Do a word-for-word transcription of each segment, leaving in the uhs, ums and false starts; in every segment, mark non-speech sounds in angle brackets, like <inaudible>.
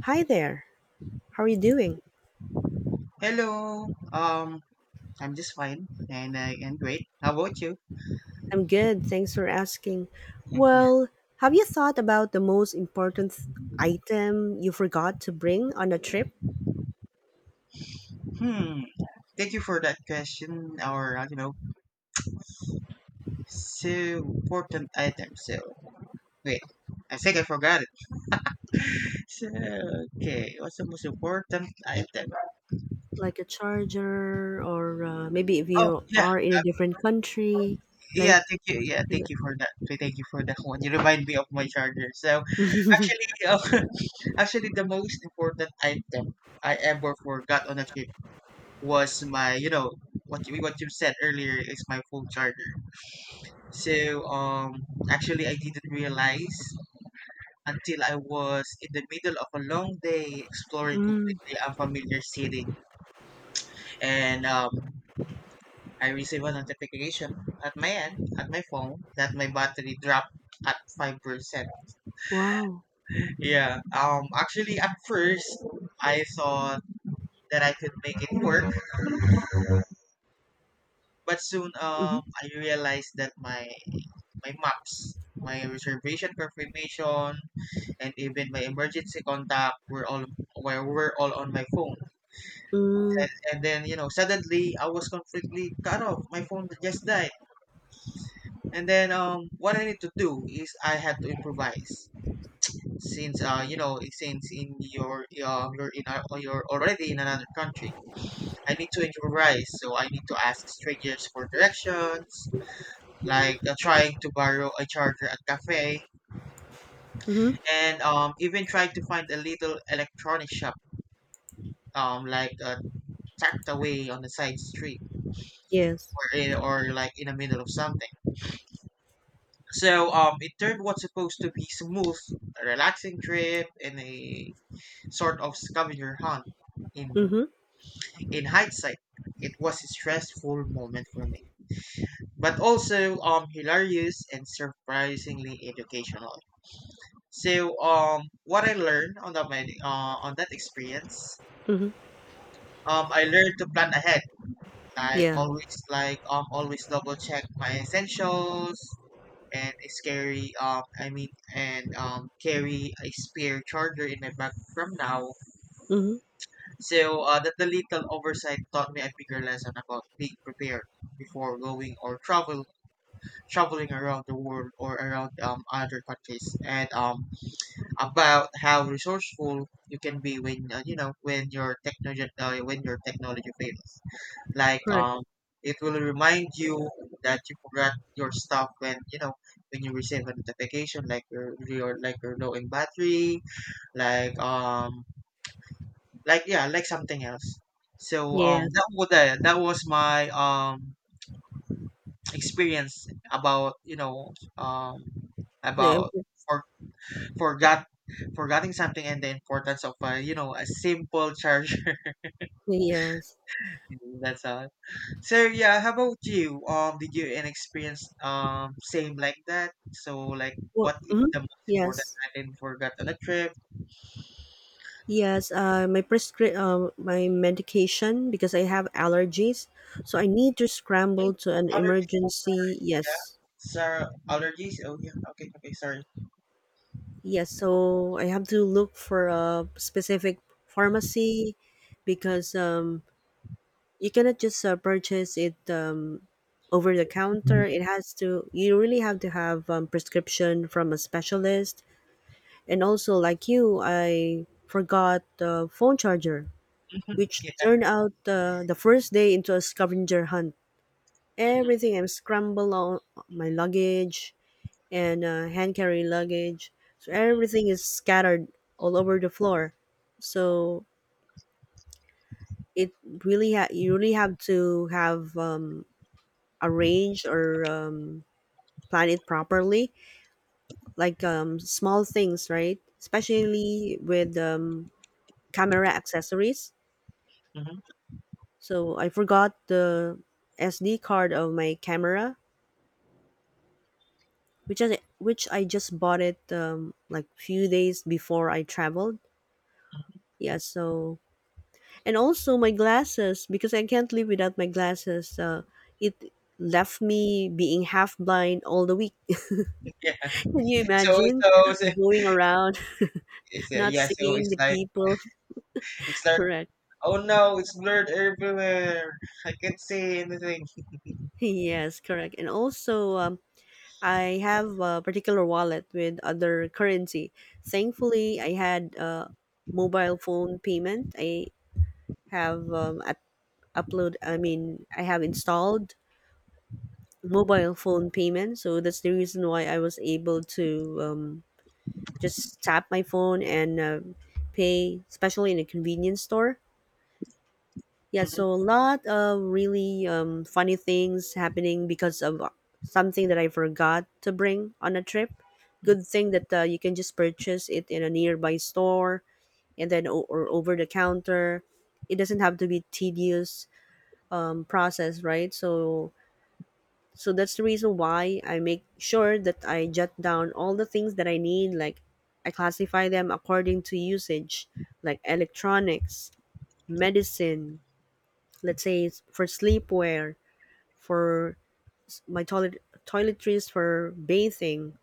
Hi there. How are you doing? Hello. Um, I'm just fine and I am great. How about you? I'm good. Thanks for asking. <laughs> Yeah. Well, have you thought about the most important th- item you forgot to bring on a trip? Hmm. Thank you for that question. Or, uh, you know, so important item. So wait, I think I forgot it. So, okay, what's the most important item? Like a charger, or uh, maybe if Oh you yeah, are in a uh, different country? Like, yeah. Thank you. Yeah, like thank that. you for that. Thank you for that <laughs> one. You remind me of my charger. So actually, <laughs> uh, actually, the most important item I ever forgot on a trip was my you know what you what you said earlier, is my phone charger. So um actually I didn't realize until I was in the middle of a long day exploring Mm, completely unfamiliar city. And um I received a notification at my end at my phone that my battery dropped at five percent. wow. Yeah. Um actually at first I thought that I could make it work, but soon Mm-hmm. um I realized that my my maps, my reservation confirmation, and even my emergency contact were all, were, were all on my phone. Mm, And, and then you know suddenly I was completely cut off. My phone just died. And then um, what I need to do is I had to improvise since uh you know since in your um you're in a, you're already in another country. I need to improvise, so I need to ask strangers for directions, like uh, trying to borrow a charger at cafe, mm-hmm. and um, even tried to find a little electronic shop, um, like uh, tucked away on the side street, Yes. or, in, or like in the middle of something. So um, it turned what's supposed to be smooth, a relaxing trip, and a sort of scavenger hunt. In Mm-hmm. in hindsight, it was a stressful moment for me, but also um hilarious and surprisingly educational. So um, what I learned on that med- uh, on that experience, Mm-hmm. um, I learned to plan ahead. I Yeah. always like um always double check my essentials, and it's scary, um I mean and um carry a spare charger in my bag from now. Mm-hmm. So uh, that the little oversight taught me a bigger lesson about being prepared before going or travel traveling around the world or around um other countries, and um about how resourceful you can be when uh, you know when your technology uh, when your technology fails, like Correct. um it will remind you that you forgot your stuff when you know when you receive a notification like your, your like you're low in battery, like um like yeah, like something else. So um that Yes. was that that was my um experience about, you know um The about, imp- for, forgot forgetting something and the importance of a, you know a simple charger. yes. <laughs> That's all. So yeah, how about you? Um, did you an experience um same like that? So, like, Well, what is mm-hmm. the most important Yes. item for that on a trip? Yes, uh, my prescri- uh, my medication because I have allergies, so I need to Mm. scramble to an Allergies, oh sorry, emergency. yeah, Yes, sorry, allergies. Oh yeah, okay, okay, sorry. yes. So I have to look for a specific pharmacy because um, you cannot just uh, purchase it um, over the counter. It has to. You really have to have um, prescription from a specialist. And also, like you, I forgot the phone charger, which Yeah, turned out uh, the first day into a scavenger hunt. mhm, Everything I'm scrambled, my luggage and uh, hand carry luggage, so everything is scattered all over the floor. So it really ha- you really have to have um, arranged or um, plan it properly, like um, small things, right? Especially with um, camera accessories. mhm, So I forgot the S D card of my camera, which is which I just bought it um, like few days before I traveled. Yeah, so, and also my glasses because I can't live without my glasses. Uh, it left me being half blind all the week. <laughs> yeah. Can you <laughs> So imagine so, so going around it's, <laughs> uh, not yeah, so seeing it's the like, people? it's <laughs> like Correct. oh no, it's blurred everywhere. I can't see anything. <laughs> Yes, correct. And also, um, I have a particular wallet with other currency. Thankfully, I had a mobile phone payment. I have um, a upload I mean I have installed mobile phone payment, so that's the reason why I was able to um, just tap my phone and uh, pay, especially in a convenience store. Yeah, Mhm. so a lot of really um, funny things happening because of uh, something that I forgot to bring on a trip. Good thing that uh, you can just purchase it in a nearby store, and then o- or over the counter. It doesn't have to be tedious um, process, right? So, so that's the reason why I make sure that I jot down all the things that I need. Like, I classify them according to usage, like electronics, medicine, let's say it's for sleepwear, for my toilet toiletries for bathing.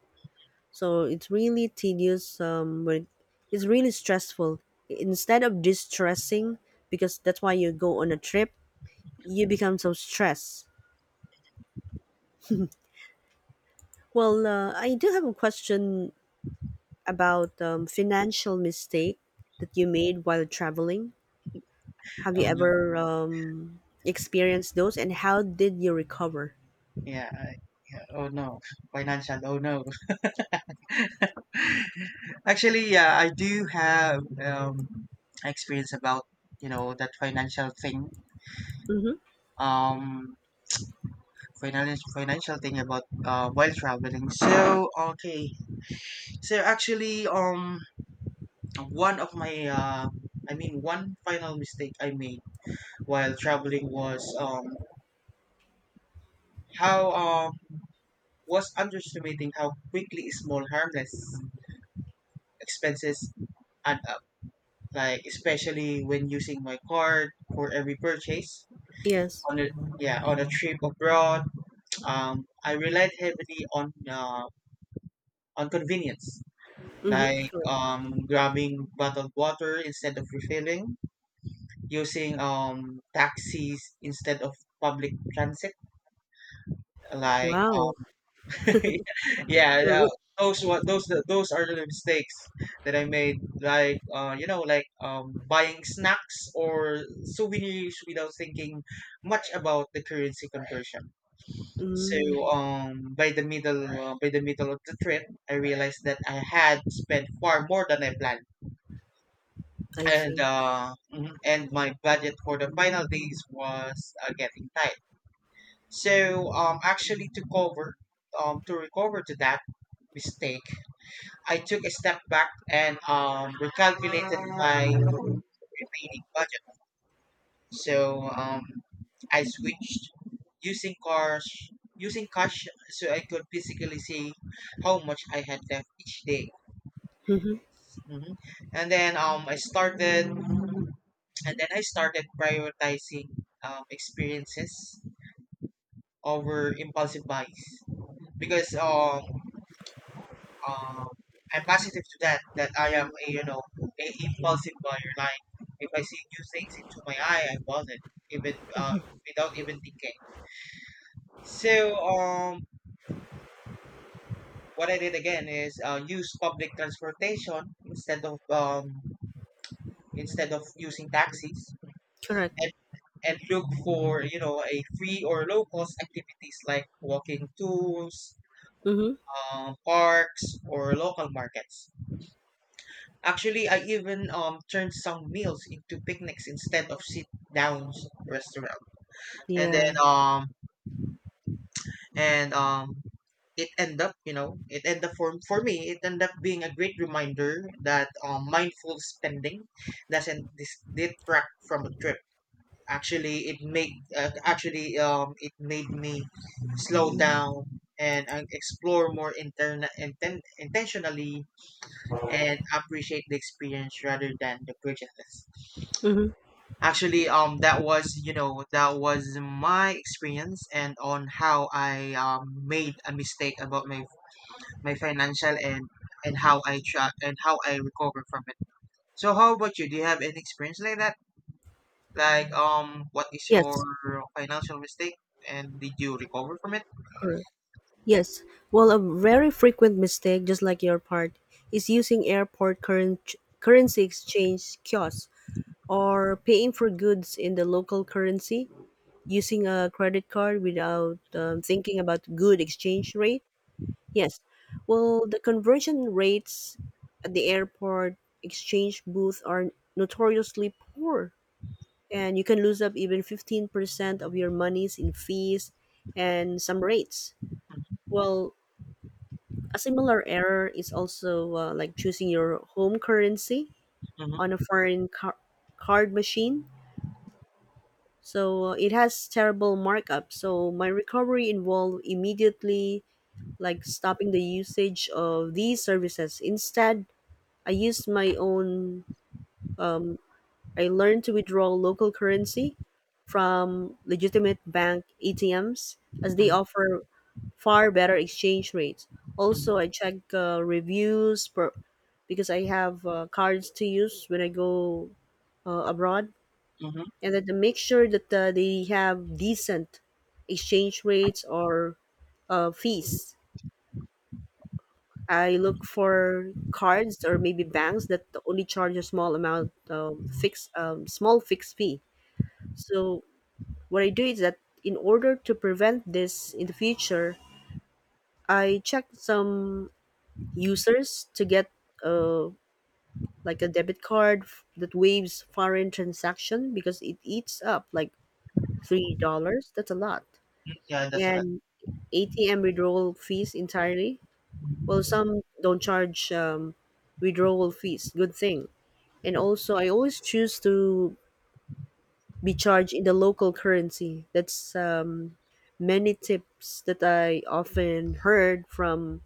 So it's really tedious. Um, when it's really stressful. Instead of distressing, because that's why you go on a trip, you become so stressed. Well, uh, I do have a question about um, financial mistake that you made while traveling. Have you Oh no, ever um, experienced those, and how did you recover? yeah, I, yeah. Oh no, financial. Oh no. Actually, yeah, I do have um, experience about, you know that financial thing. Mm-hmm. Um, financial financial thing about uh, while traveling. So okay, so actually, um, one of my uh, I mean, one final mistake I made while traveling was um how um was underestimating how quickly small harmless expenses add up. Like especially when using my card for every purchase Yes. on a, yeah, on a trip abroad. um, I relied heavily on uh, on convenience, Mm-hmm. like Correct. um, grabbing bottled water instead of refilling, using um, taxis instead of public transit, like Wow, um, <laughs> yeah, you're no, rich. those what those those are the mistakes that I made, like uh, you know like um, buying snacks or souvenirs without thinking much about the currency conversion. So Mm, um, by the middle uh, by the middle of the trip, I realized that I had spent far more than I planned, I and see. uh, mhm, and my budget for the final days was uh, getting tight. So um, actually to cover um, to recover to that mistake, I took a step back and um, recalculated my remaining budget. So um, I switched using cash, using cash, so I could physically see how much I had left each day. Mm-hmm. hmm And then um, I started, and then I started prioritizing um, experiences over impulsive buys, because um, um, I'm positive to that that I am a, you know a impulsive buyer. Like if I see new things into my eye, I bought it, even uh, without even thinking. So um, what I did again is uh, use public transportation instead of um, instead of using taxis, Correct. and and look for, you know a free or low cost activities like walking tours, Mm-hmm. um, parks, or local markets. Actually, I even um, turned some meals into picnics instead of sit downs restaurant, and then Yeah. um, and um, it end up, you know it end up for, for me it end up being a great reminder that um, mindful spending doesn't dis- detract from a trip. Actually it made uh, actually um, it made me slow down and uh, explore more interna inten- intentionally and appreciate the experience rather than the purchases. Mm-hmm. Actually um that was you know that was my experience and on how I um, made a mistake about my, my financial, and and how I try and how I recover from it. So how about you? Do you have any experience like that? Like um, what is your Yes. financial mistake, and did you recover from it? Correct. Yes. Well, a very frequent mistake, just like your part, is using airport current currency exchange kiosks or paying for goods in the local currency using a credit card without um, thinking about good exchange rate? Yes. Well, the conversion rates at the airport exchange booth are notoriously poor, and you can lose up even fifteen percent of your monies in fees and some rates. Well, a similar error is also uh, like choosing your home currency on a Mm-hmm. foreign car- card machine. So uh, it has terrible markup. So my recovery involved immediately like stopping the usage of these services. Instead, I used my own, I learned to withdraw local currency from legitimate bank A T Ms as they Hmm. offer far better exchange rates. Hmm. Also, I check uh, reviews per, because I have uh, cards to use when I go uh, abroad, Hmm. and then to make sure that uh, they have decent exchange rates or uh, fees. I look for cards or maybe banks that only charge a small amount, um, fixed, um, small fixed fee. So what I do is that, in order to prevent this in the future, I check some users to get uh, like a debit card f- that waives foreign transaction because it eats up like three dollars. That's a lot, Yeah, that's a lot. and A T M withdrawal fees entirely. Well, some don't charge um, withdrawal fees. Good thing, and also I always choose to be charged in the local currency. That's um, many tips that I often heard from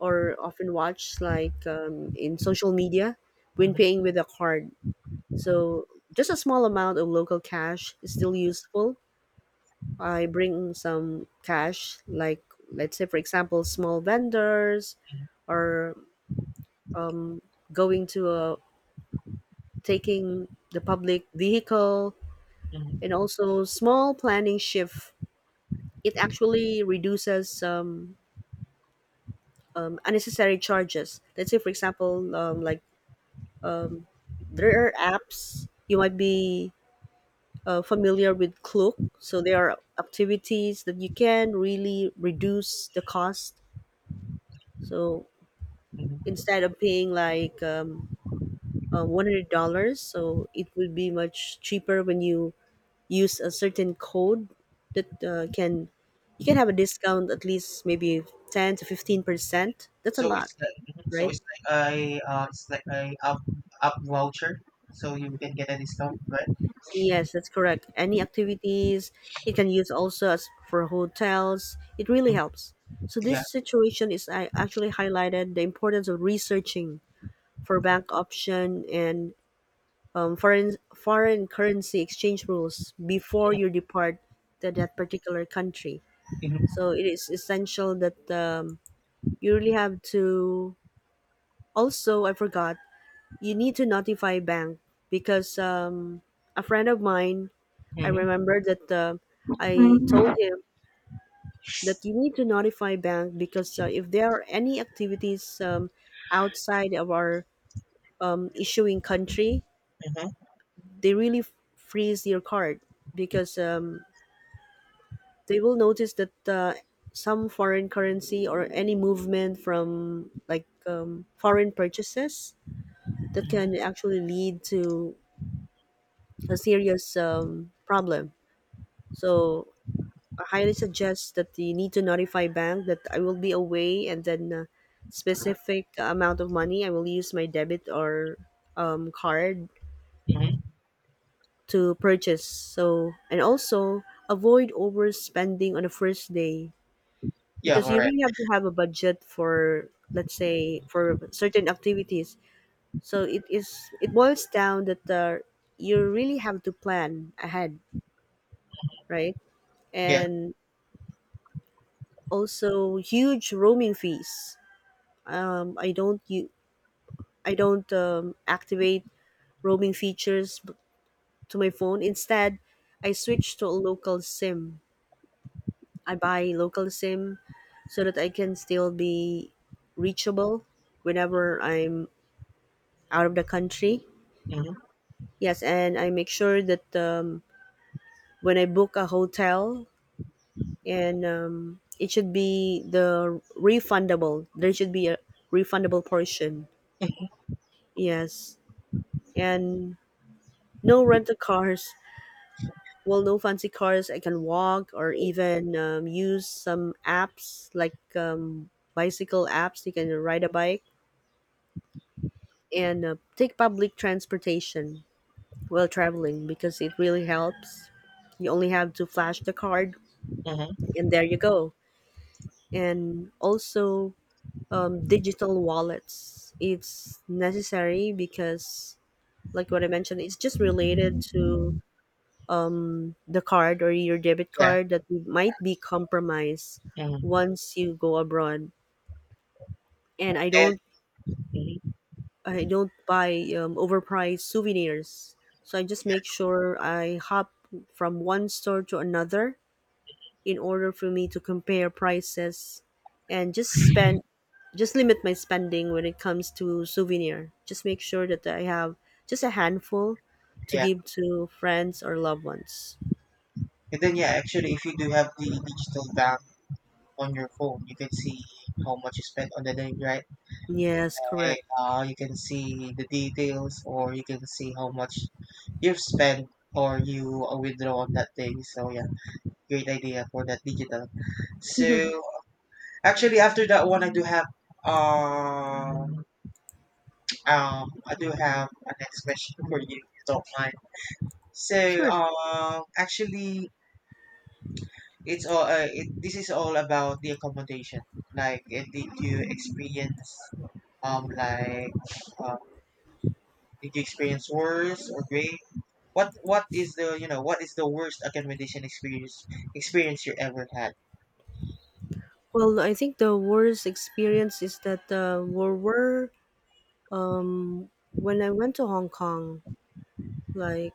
or often watch like um, in social media when Hmm. paying with a card. Hmm. So just a small amount of local cash is still useful. I bring some cash, like, let's say for example, small vendors or going to a, taking the public vehicle. And Hmm. also small planning shift, it actually reduces um, um, unnecessary charges, let's say for example, um, like, there are apps you might be uh, familiar with Klook. So there are activities that you can really reduce the cost. So Hmm. instead of paying like um, uh, one hundred dollars, so it would be much cheaper when you use a certain code that uh, can you can have a discount at least maybe ten to fifteen percent. That's a So lot, it's like, mhm. So right? it's like a, uh it's like a up, up voucher, so you can get a discount, right? Yes, that's correct. Any activities, it can use also as for hotels. It really Mm. helps. So Yeah. this situation is, I actually highlighted the importance of researching for bank option and um, foreign foreign currency exchange rules before you depart to that particular country. Mm-hmm. So it is essential that um, you really have to, also I forgot, you need to notify bank because um, a friend of mine, I Mm-hmm. remember that uh, I told Mm-hmm. him that you need to notify bank because uh, if there are any activities um, outside of our um, issuing country, they really f- freeze your card because um, they will notice that uh, some foreign currency or any movement from like um, foreign purchases, that Mm-hmm. can actually lead to a serious um, problem. So I highly suggest that you need to notify bank that I will be away, and then uh, specific amount of money I will use my debit or um, card Mm-hmm. to purchase. So, and also avoid overspending on the first day Yeah. because All you right. really have to have a budget for, let's say, for certain activities. So it, is it boils down that uh, you really have to plan ahead, right? Yeah. And also huge roaming fees. Um, I don't you I don't um, activate roaming features b- to my phone. Instead, I switch to a local SIM. I buy local SIM so that I can still be reachable whenever I'm out of the country. Mm-hmm. Yes, and I make sure that um, when I book a hotel, and um, it should be the refundable. There should be a refundable portion. Yes, and no rental cars. Well, no fancy cars. I can walk or even um, use some apps like um, bicycle apps. You can ride a bike and uh, take public transportation while traveling because it really helps. You only have to flash the card, Mm-hmm. and there you go. And also, um, digital wallets. It's necessary because, like what I mentioned, it's just related to the card or your debit Yeah. card that might be compromised Yeah. once you go abroad. And i And don't Mhm. i don't buy um, overpriced souvenirs, so I just make sure I hop from one store to another in order for me to compare prices, and just spend, just limit my spending when it comes to souvenir. Just make sure that I have just a handful to Yeah, give to friends or loved ones. and then yeah, actually, if you do have the digital bank on your phone, you can see how much you spent on the day, right? Yes, correct. Like, uh, you can see the details, or you can see how much you've spent or you uh, withdraw on that day. So yeah, great idea for that digital. So <laughs> actually, after that one, I do have um um I do have a next question for you, if you don't mind. So Sure. um actually it's all, uh, it, this is all about the accommodation. Like uh, did you experience um like um, did you experience worse or great, what what is the, you know what is the worst accommodation experience experience you ever had? Well, I think the worst experience is that, uh, were were um, when I went to Hong Kong, like,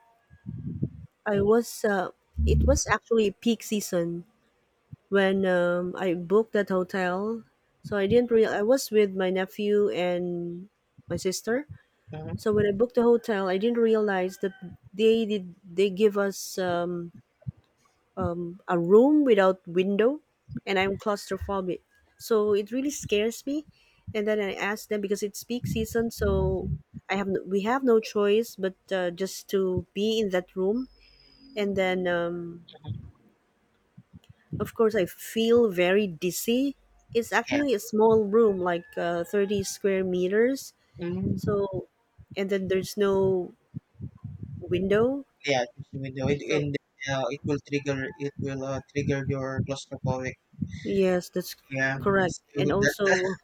I was uh, it was actually peak season when um, I booked that hotel. So I didn't real I was with my nephew and my sister. So Mm-hmm. when I booked the hotel, I didn't realize that they did they give us um, a room without window, and I'm claustrophobic. So it really scares me. And then I asked them, because it's peak season, so I have no, we have no choice but uh, just to be in that room. And then um, of course I feel very dizzy. It's Yeah. actually a small room, like uh, thirty square meters. Mm. So, and then there's no window. Yeah, just the window it, So and uh, it will trigger it will uh, trigger your claustrophobic. yes, that's Yeah, correct. so And that, <laughs> also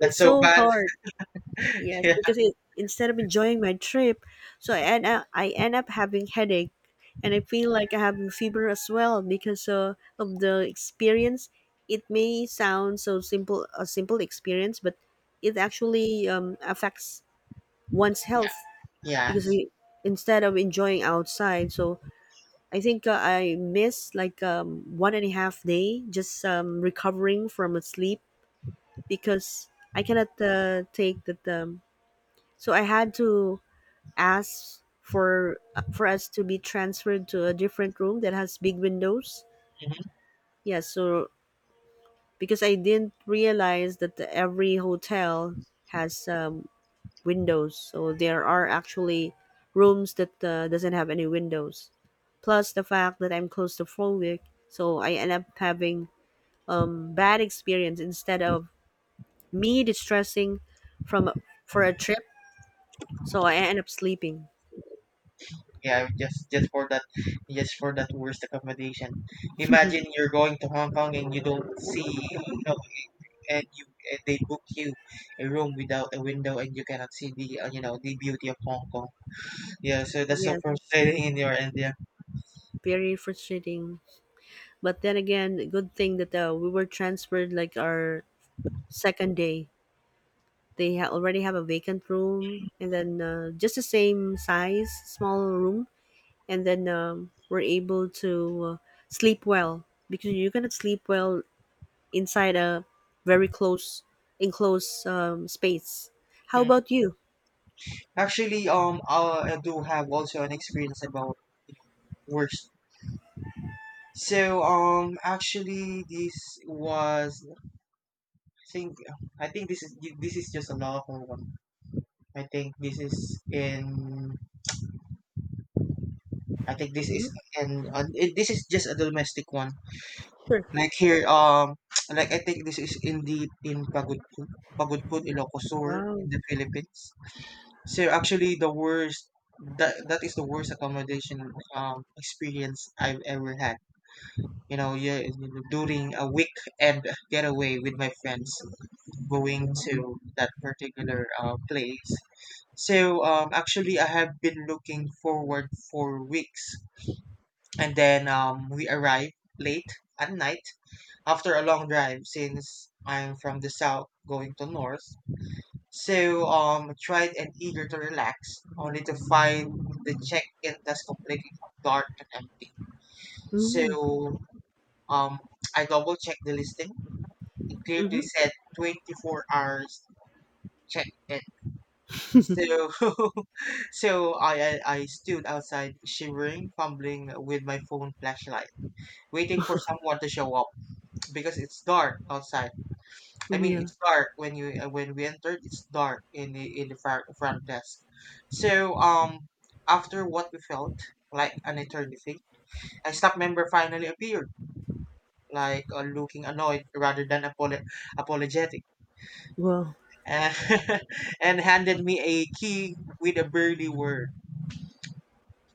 that's it's so so bad. hard. Yes, because it, instead of enjoying my trip, so I end up I end up having headache, and I feel like I have fever as well because uh, of the experience. It may sound so simple, a simple experience, but it actually um, affects one's health <laughs> Yeah. because we, instead of enjoying outside, so I think uh, I miss like um, one and a half day, just um, recovering from a sleep because I cannot uh, take that. Um, so I had to asked for for us to be transferred to a different room that has big windows. Yeah, so, because I didn't realize that the, every hotel has um, windows, so there are actually rooms that uh, doesn't have any windows. Plus the fact that I'm claustrophobic, so I end up having um, bad experience instead of me distressing from for a trip. So I end up sleeping. Yeah, just just for that, just for that worst accommodation. Imagine you're going to Hong Kong and you don't see, you know, and you, and they book you a room without a window and you cannot see the, uh, you know, the beauty of Hong Kong. Yeah, so that's so Yes, frustrating <laughs> in your end. Yeah. very frustrating. But then again, good thing that uh, we were transferred like our second day. They ha- already have a vacant room, and then uh, just the same size, small room. And then um, we're able to uh, sleep well, because you cannot sleep well inside a very close, enclosed um, space. How Mm. about you? Actually, um, I, I do have also an experience about, you know, worst. So, um, actually, this was, I think I think this is, this is just a local one. I think this is in, I think this is, Hmm. and uh, it, this is just a domestic one. Sure. Like here, um, <tsk> like I think this is indeed in Pagudpud, Pagudpud, Ilocos Sur, Wow. in the Philippines. So actually, the worst, that that is the worst accommodation um experience I've ever had. You know, yeah, during a weekend getaway with my friends, going to that particular uh, place. So um, actually, I have been looking forward for weeks. And then um, we arrive late at night after a long drive, since I'm from the south going to north. So um, tried and eager to relax, only to find the check-in desk completely dark and empty. Mm-hmm. So um, I double checked the listing. It Hmm. clearly said twenty-four hours check-in. So <laughs> so I, I I stood outside shivering, fumbling with my phone flashlight, waiting for someone to show up, because it's dark outside. I mean, Yeah. it's dark when you uh, when we entered. It's dark in the in the front, front desk. So um, after what we felt like an eternity, a staff member finally appeared, like uh, looking annoyed rather than apolo- apologetic, Wow. and <laughs> and handed me a key with a burly word.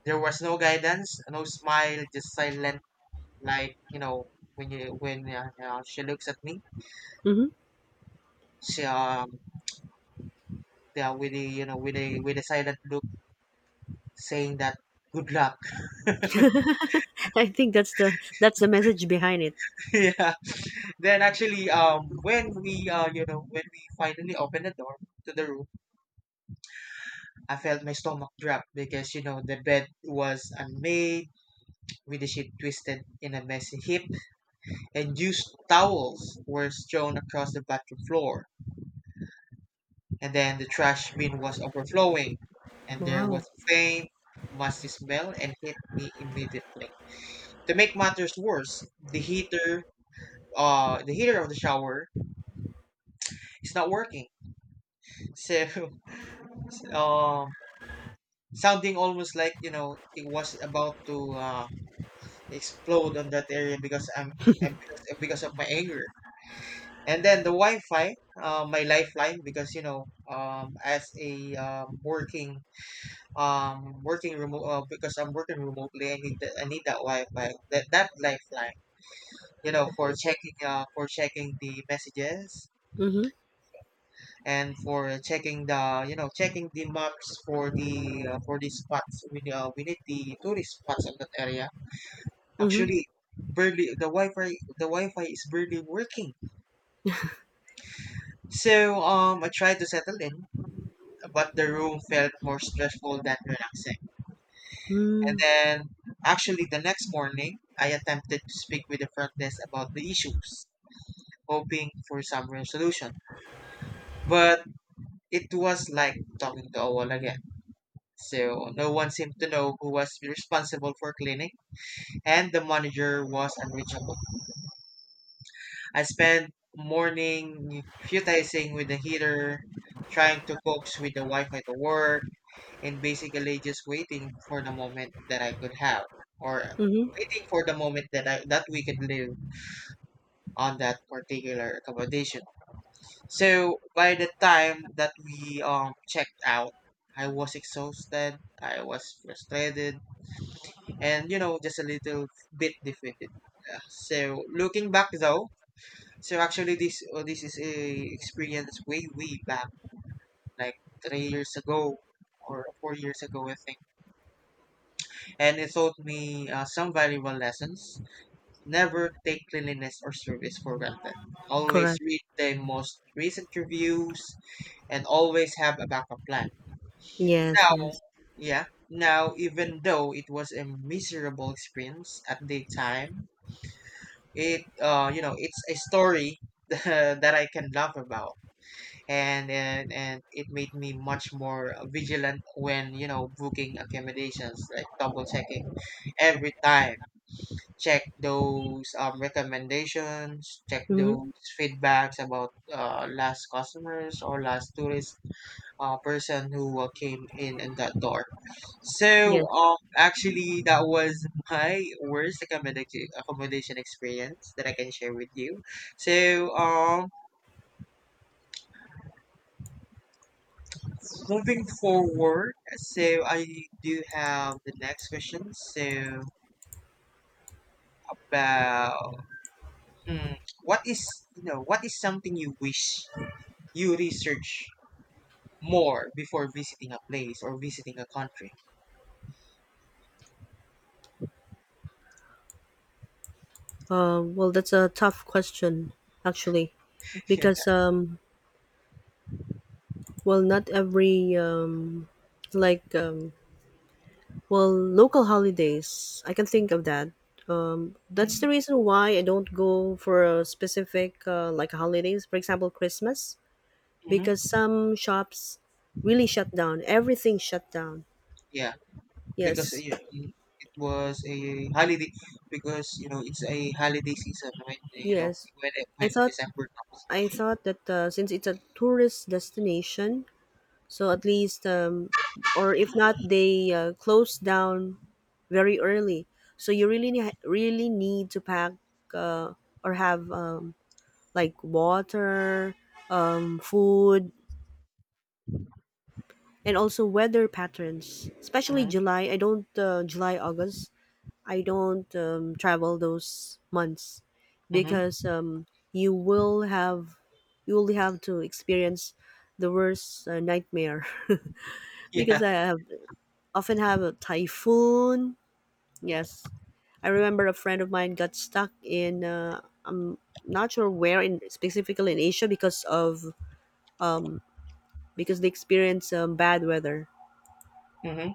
There was no guidance, no smile, just silent. Like you know, when you when uh, uh, she looks at me, Hmm. she um yeah with a you know with a with a silent look saying that good luck. <laughs> I think that's the that's the message behind it. <laughs> Yeah, then actually um when we uh you know when we finally opened the door to the room, I felt my stomach drop because you know the bed was unmade, with the sheet twisted in a messy heap, and used towels were strewn across the bathroom floor, and then the trash bin was overflowing, and there Wow. was a faint musty smell and hit me immediately. To make matters worse, the heater uh the heater of the shower is not working. So <laughs> um sounding almost like you know it was about to uh, explode on that area because I'm, I'm because, because of my anger. And then the Wi-Fi, uh, my lifeline, because you know, um, as a um, working um working remote uh, because I'm working remotely, I need that, I need that Wi-Fi, that that lifeline, you know, for checking uh for checking the messages, Hmm. and for checking the you know checking the maps for the uh, for the spots we uh, we need the tourist spots in that area. Mhm. Actually, barely the wi-fi the wi-fi is barely working. So um I tried to settle in, but the room felt more stressful than relaxing. And Mm. then actually the next morning I attempted to speak with the front desk about the issues, hoping for some resolution, but it was like talking to a wall again. So no one seemed to know who was responsible for cleaning, and the manager was unreachable. I spent morning futizing with the heater, trying to coax with the Wi-Fi to work, and basically just waiting for the moment that I could have, or Mhm. waiting for the moment that I that we could live on that particular accommodation. So by the time that we um checked out, I was exhausted, I was frustrated, and you know just a little bit defeated. Yeah. So looking back though, so actually this uh, this is a experience way way back, like three years ago or four years ago I think, and it taught me uh, some valuable lessons. Never take cleanliness or service for granted. Always Correct. read the most recent reviews and always have a backup plan. Yes, Now, yes. yeah. Now, even though it was a miserable experience at the time, it uh, you know it's a story <laughs> that I can laugh about, and, and and it made me much more vigilant when you know booking accommodations, like double checking every time, check those um, recommendations, check Mhm. those feedbacks about uh, last customers or last tourist, uh, person who uh, came in and got door. Yes. So, um, actually, that was my worst accommoda- accommodation experience that I can share with you. So, um, moving forward, so I do have the next question. So, about hmm, what is, you know, what is something you wish you research more before visiting a place or visiting a country? <laughs> Uh, well, that's a tough question, actually, because um, well, not every um, like um, well, local holidays. I can think of that. Um, that's the Mhm, reason why I don't go for a specific uh, like holidays. For example, Christmas, mhm. because some shops really shut down. Everything shut down. Yeah. Because uh, Yes. it was a holiday, because you know it's a holiday season when uh, you know Yes. when eh, I when thought December comes. I thought that uh, since it's a tourist destination, so at least, um, or if not, they uh, close down very early. So you really ne- really need to pack uh, or have um, like water, um, food, and also weather patterns. Especially Mm-hmm, July. I don't uh, July, August. I don't um, travel those months mm-hmm. because um, you will have you will have to experience the worst uh, nightmare <laughs> <laughs> because Yeah. I have often have a typhoon. Yes, I remember a friend of mine got stuck in uh, I'm not sure where in specifically in Asia because of um, because they experience um, bad weather. Mm-hmm,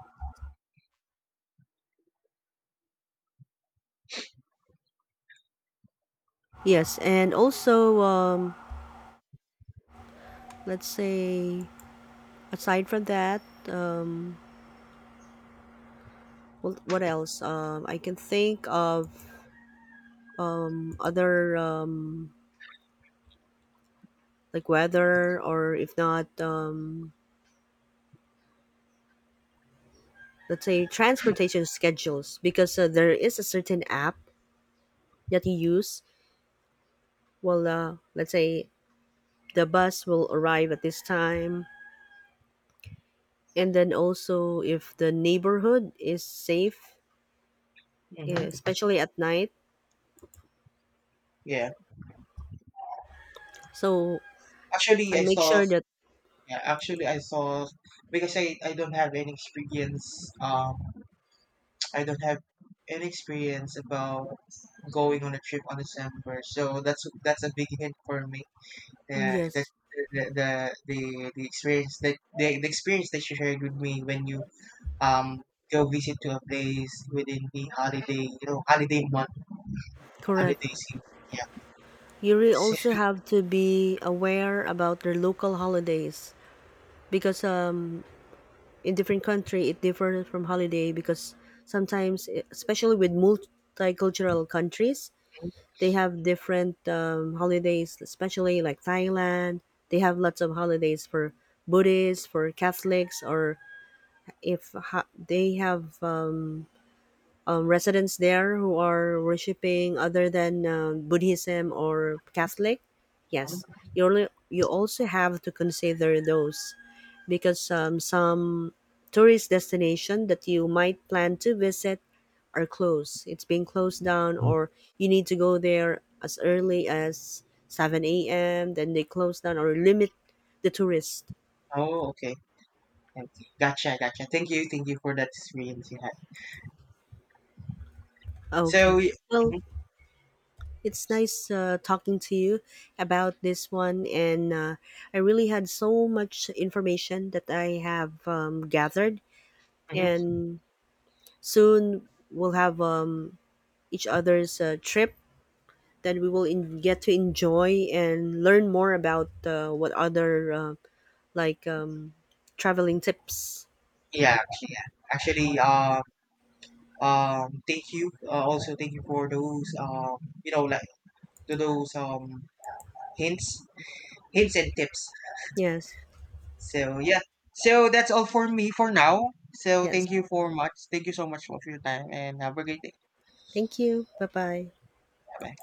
Yes, and also um, let's say, aside from that. Um, Well, what else? Um, I can think of um, other um, like weather, or if not, um, let's say transportation schedules, because uh, there is a certain app that you use. Well, uh, let's say the bus will arrive at this time, and then also if the neighborhood is safe, eh, mm-hmm, especially at night. yeah. So Actually, I I make saw. sure that. Yeah, actually, I saw, because I, I don't have any experience. Um, <tsk> I don't have any experience about going on a trip on December. So that's that's a big hint for me. Mm, Uh, that yes, the the the the experience that the, the experience that you shared with me when you um, go visit to a place within the holiday, you know, holiday month, holiday correct. season. Yeah. You really So, also have to be aware about their local holidays, because um in different country it differs from holiday, because sometimes, eh, especially with multicultural countries, they have different um, holidays, especially like Thailand. They have lots of holidays for Buddhists, for Catholics, or if ha- they have um, um, residents there who are worshiping other than um, Buddhism or Catholic. Yes, you only you also have to consider those, because um, some tourist destination that you might plan to visit are closed. It's being closed down, or you need to go there as early as seven a m. Then they close down or limit the tourist. oh, okay. Okay. Gotcha, gotcha. Thank you, thank you for that experience you had. Okay. So, y- Well, mhm, it's nice uh, talking to you about this one, and uh, I really had so much information that I have um, gathered, mhm. and soon we'll have um, each other's uh, trip that we will in- get to enjoy and learn more about uh, what other uh, like um, traveling tips. Yeah, actually, yeah. Actually, um, um, thank you. Uh, also, thank you for those, um, you know, like, to those um hints, hints and tips. Yes, So yeah. So that's all for me for now. So yes. thank you for much. Thank you so much for your time, and have a great day. Thank you. Bye bye. Bye.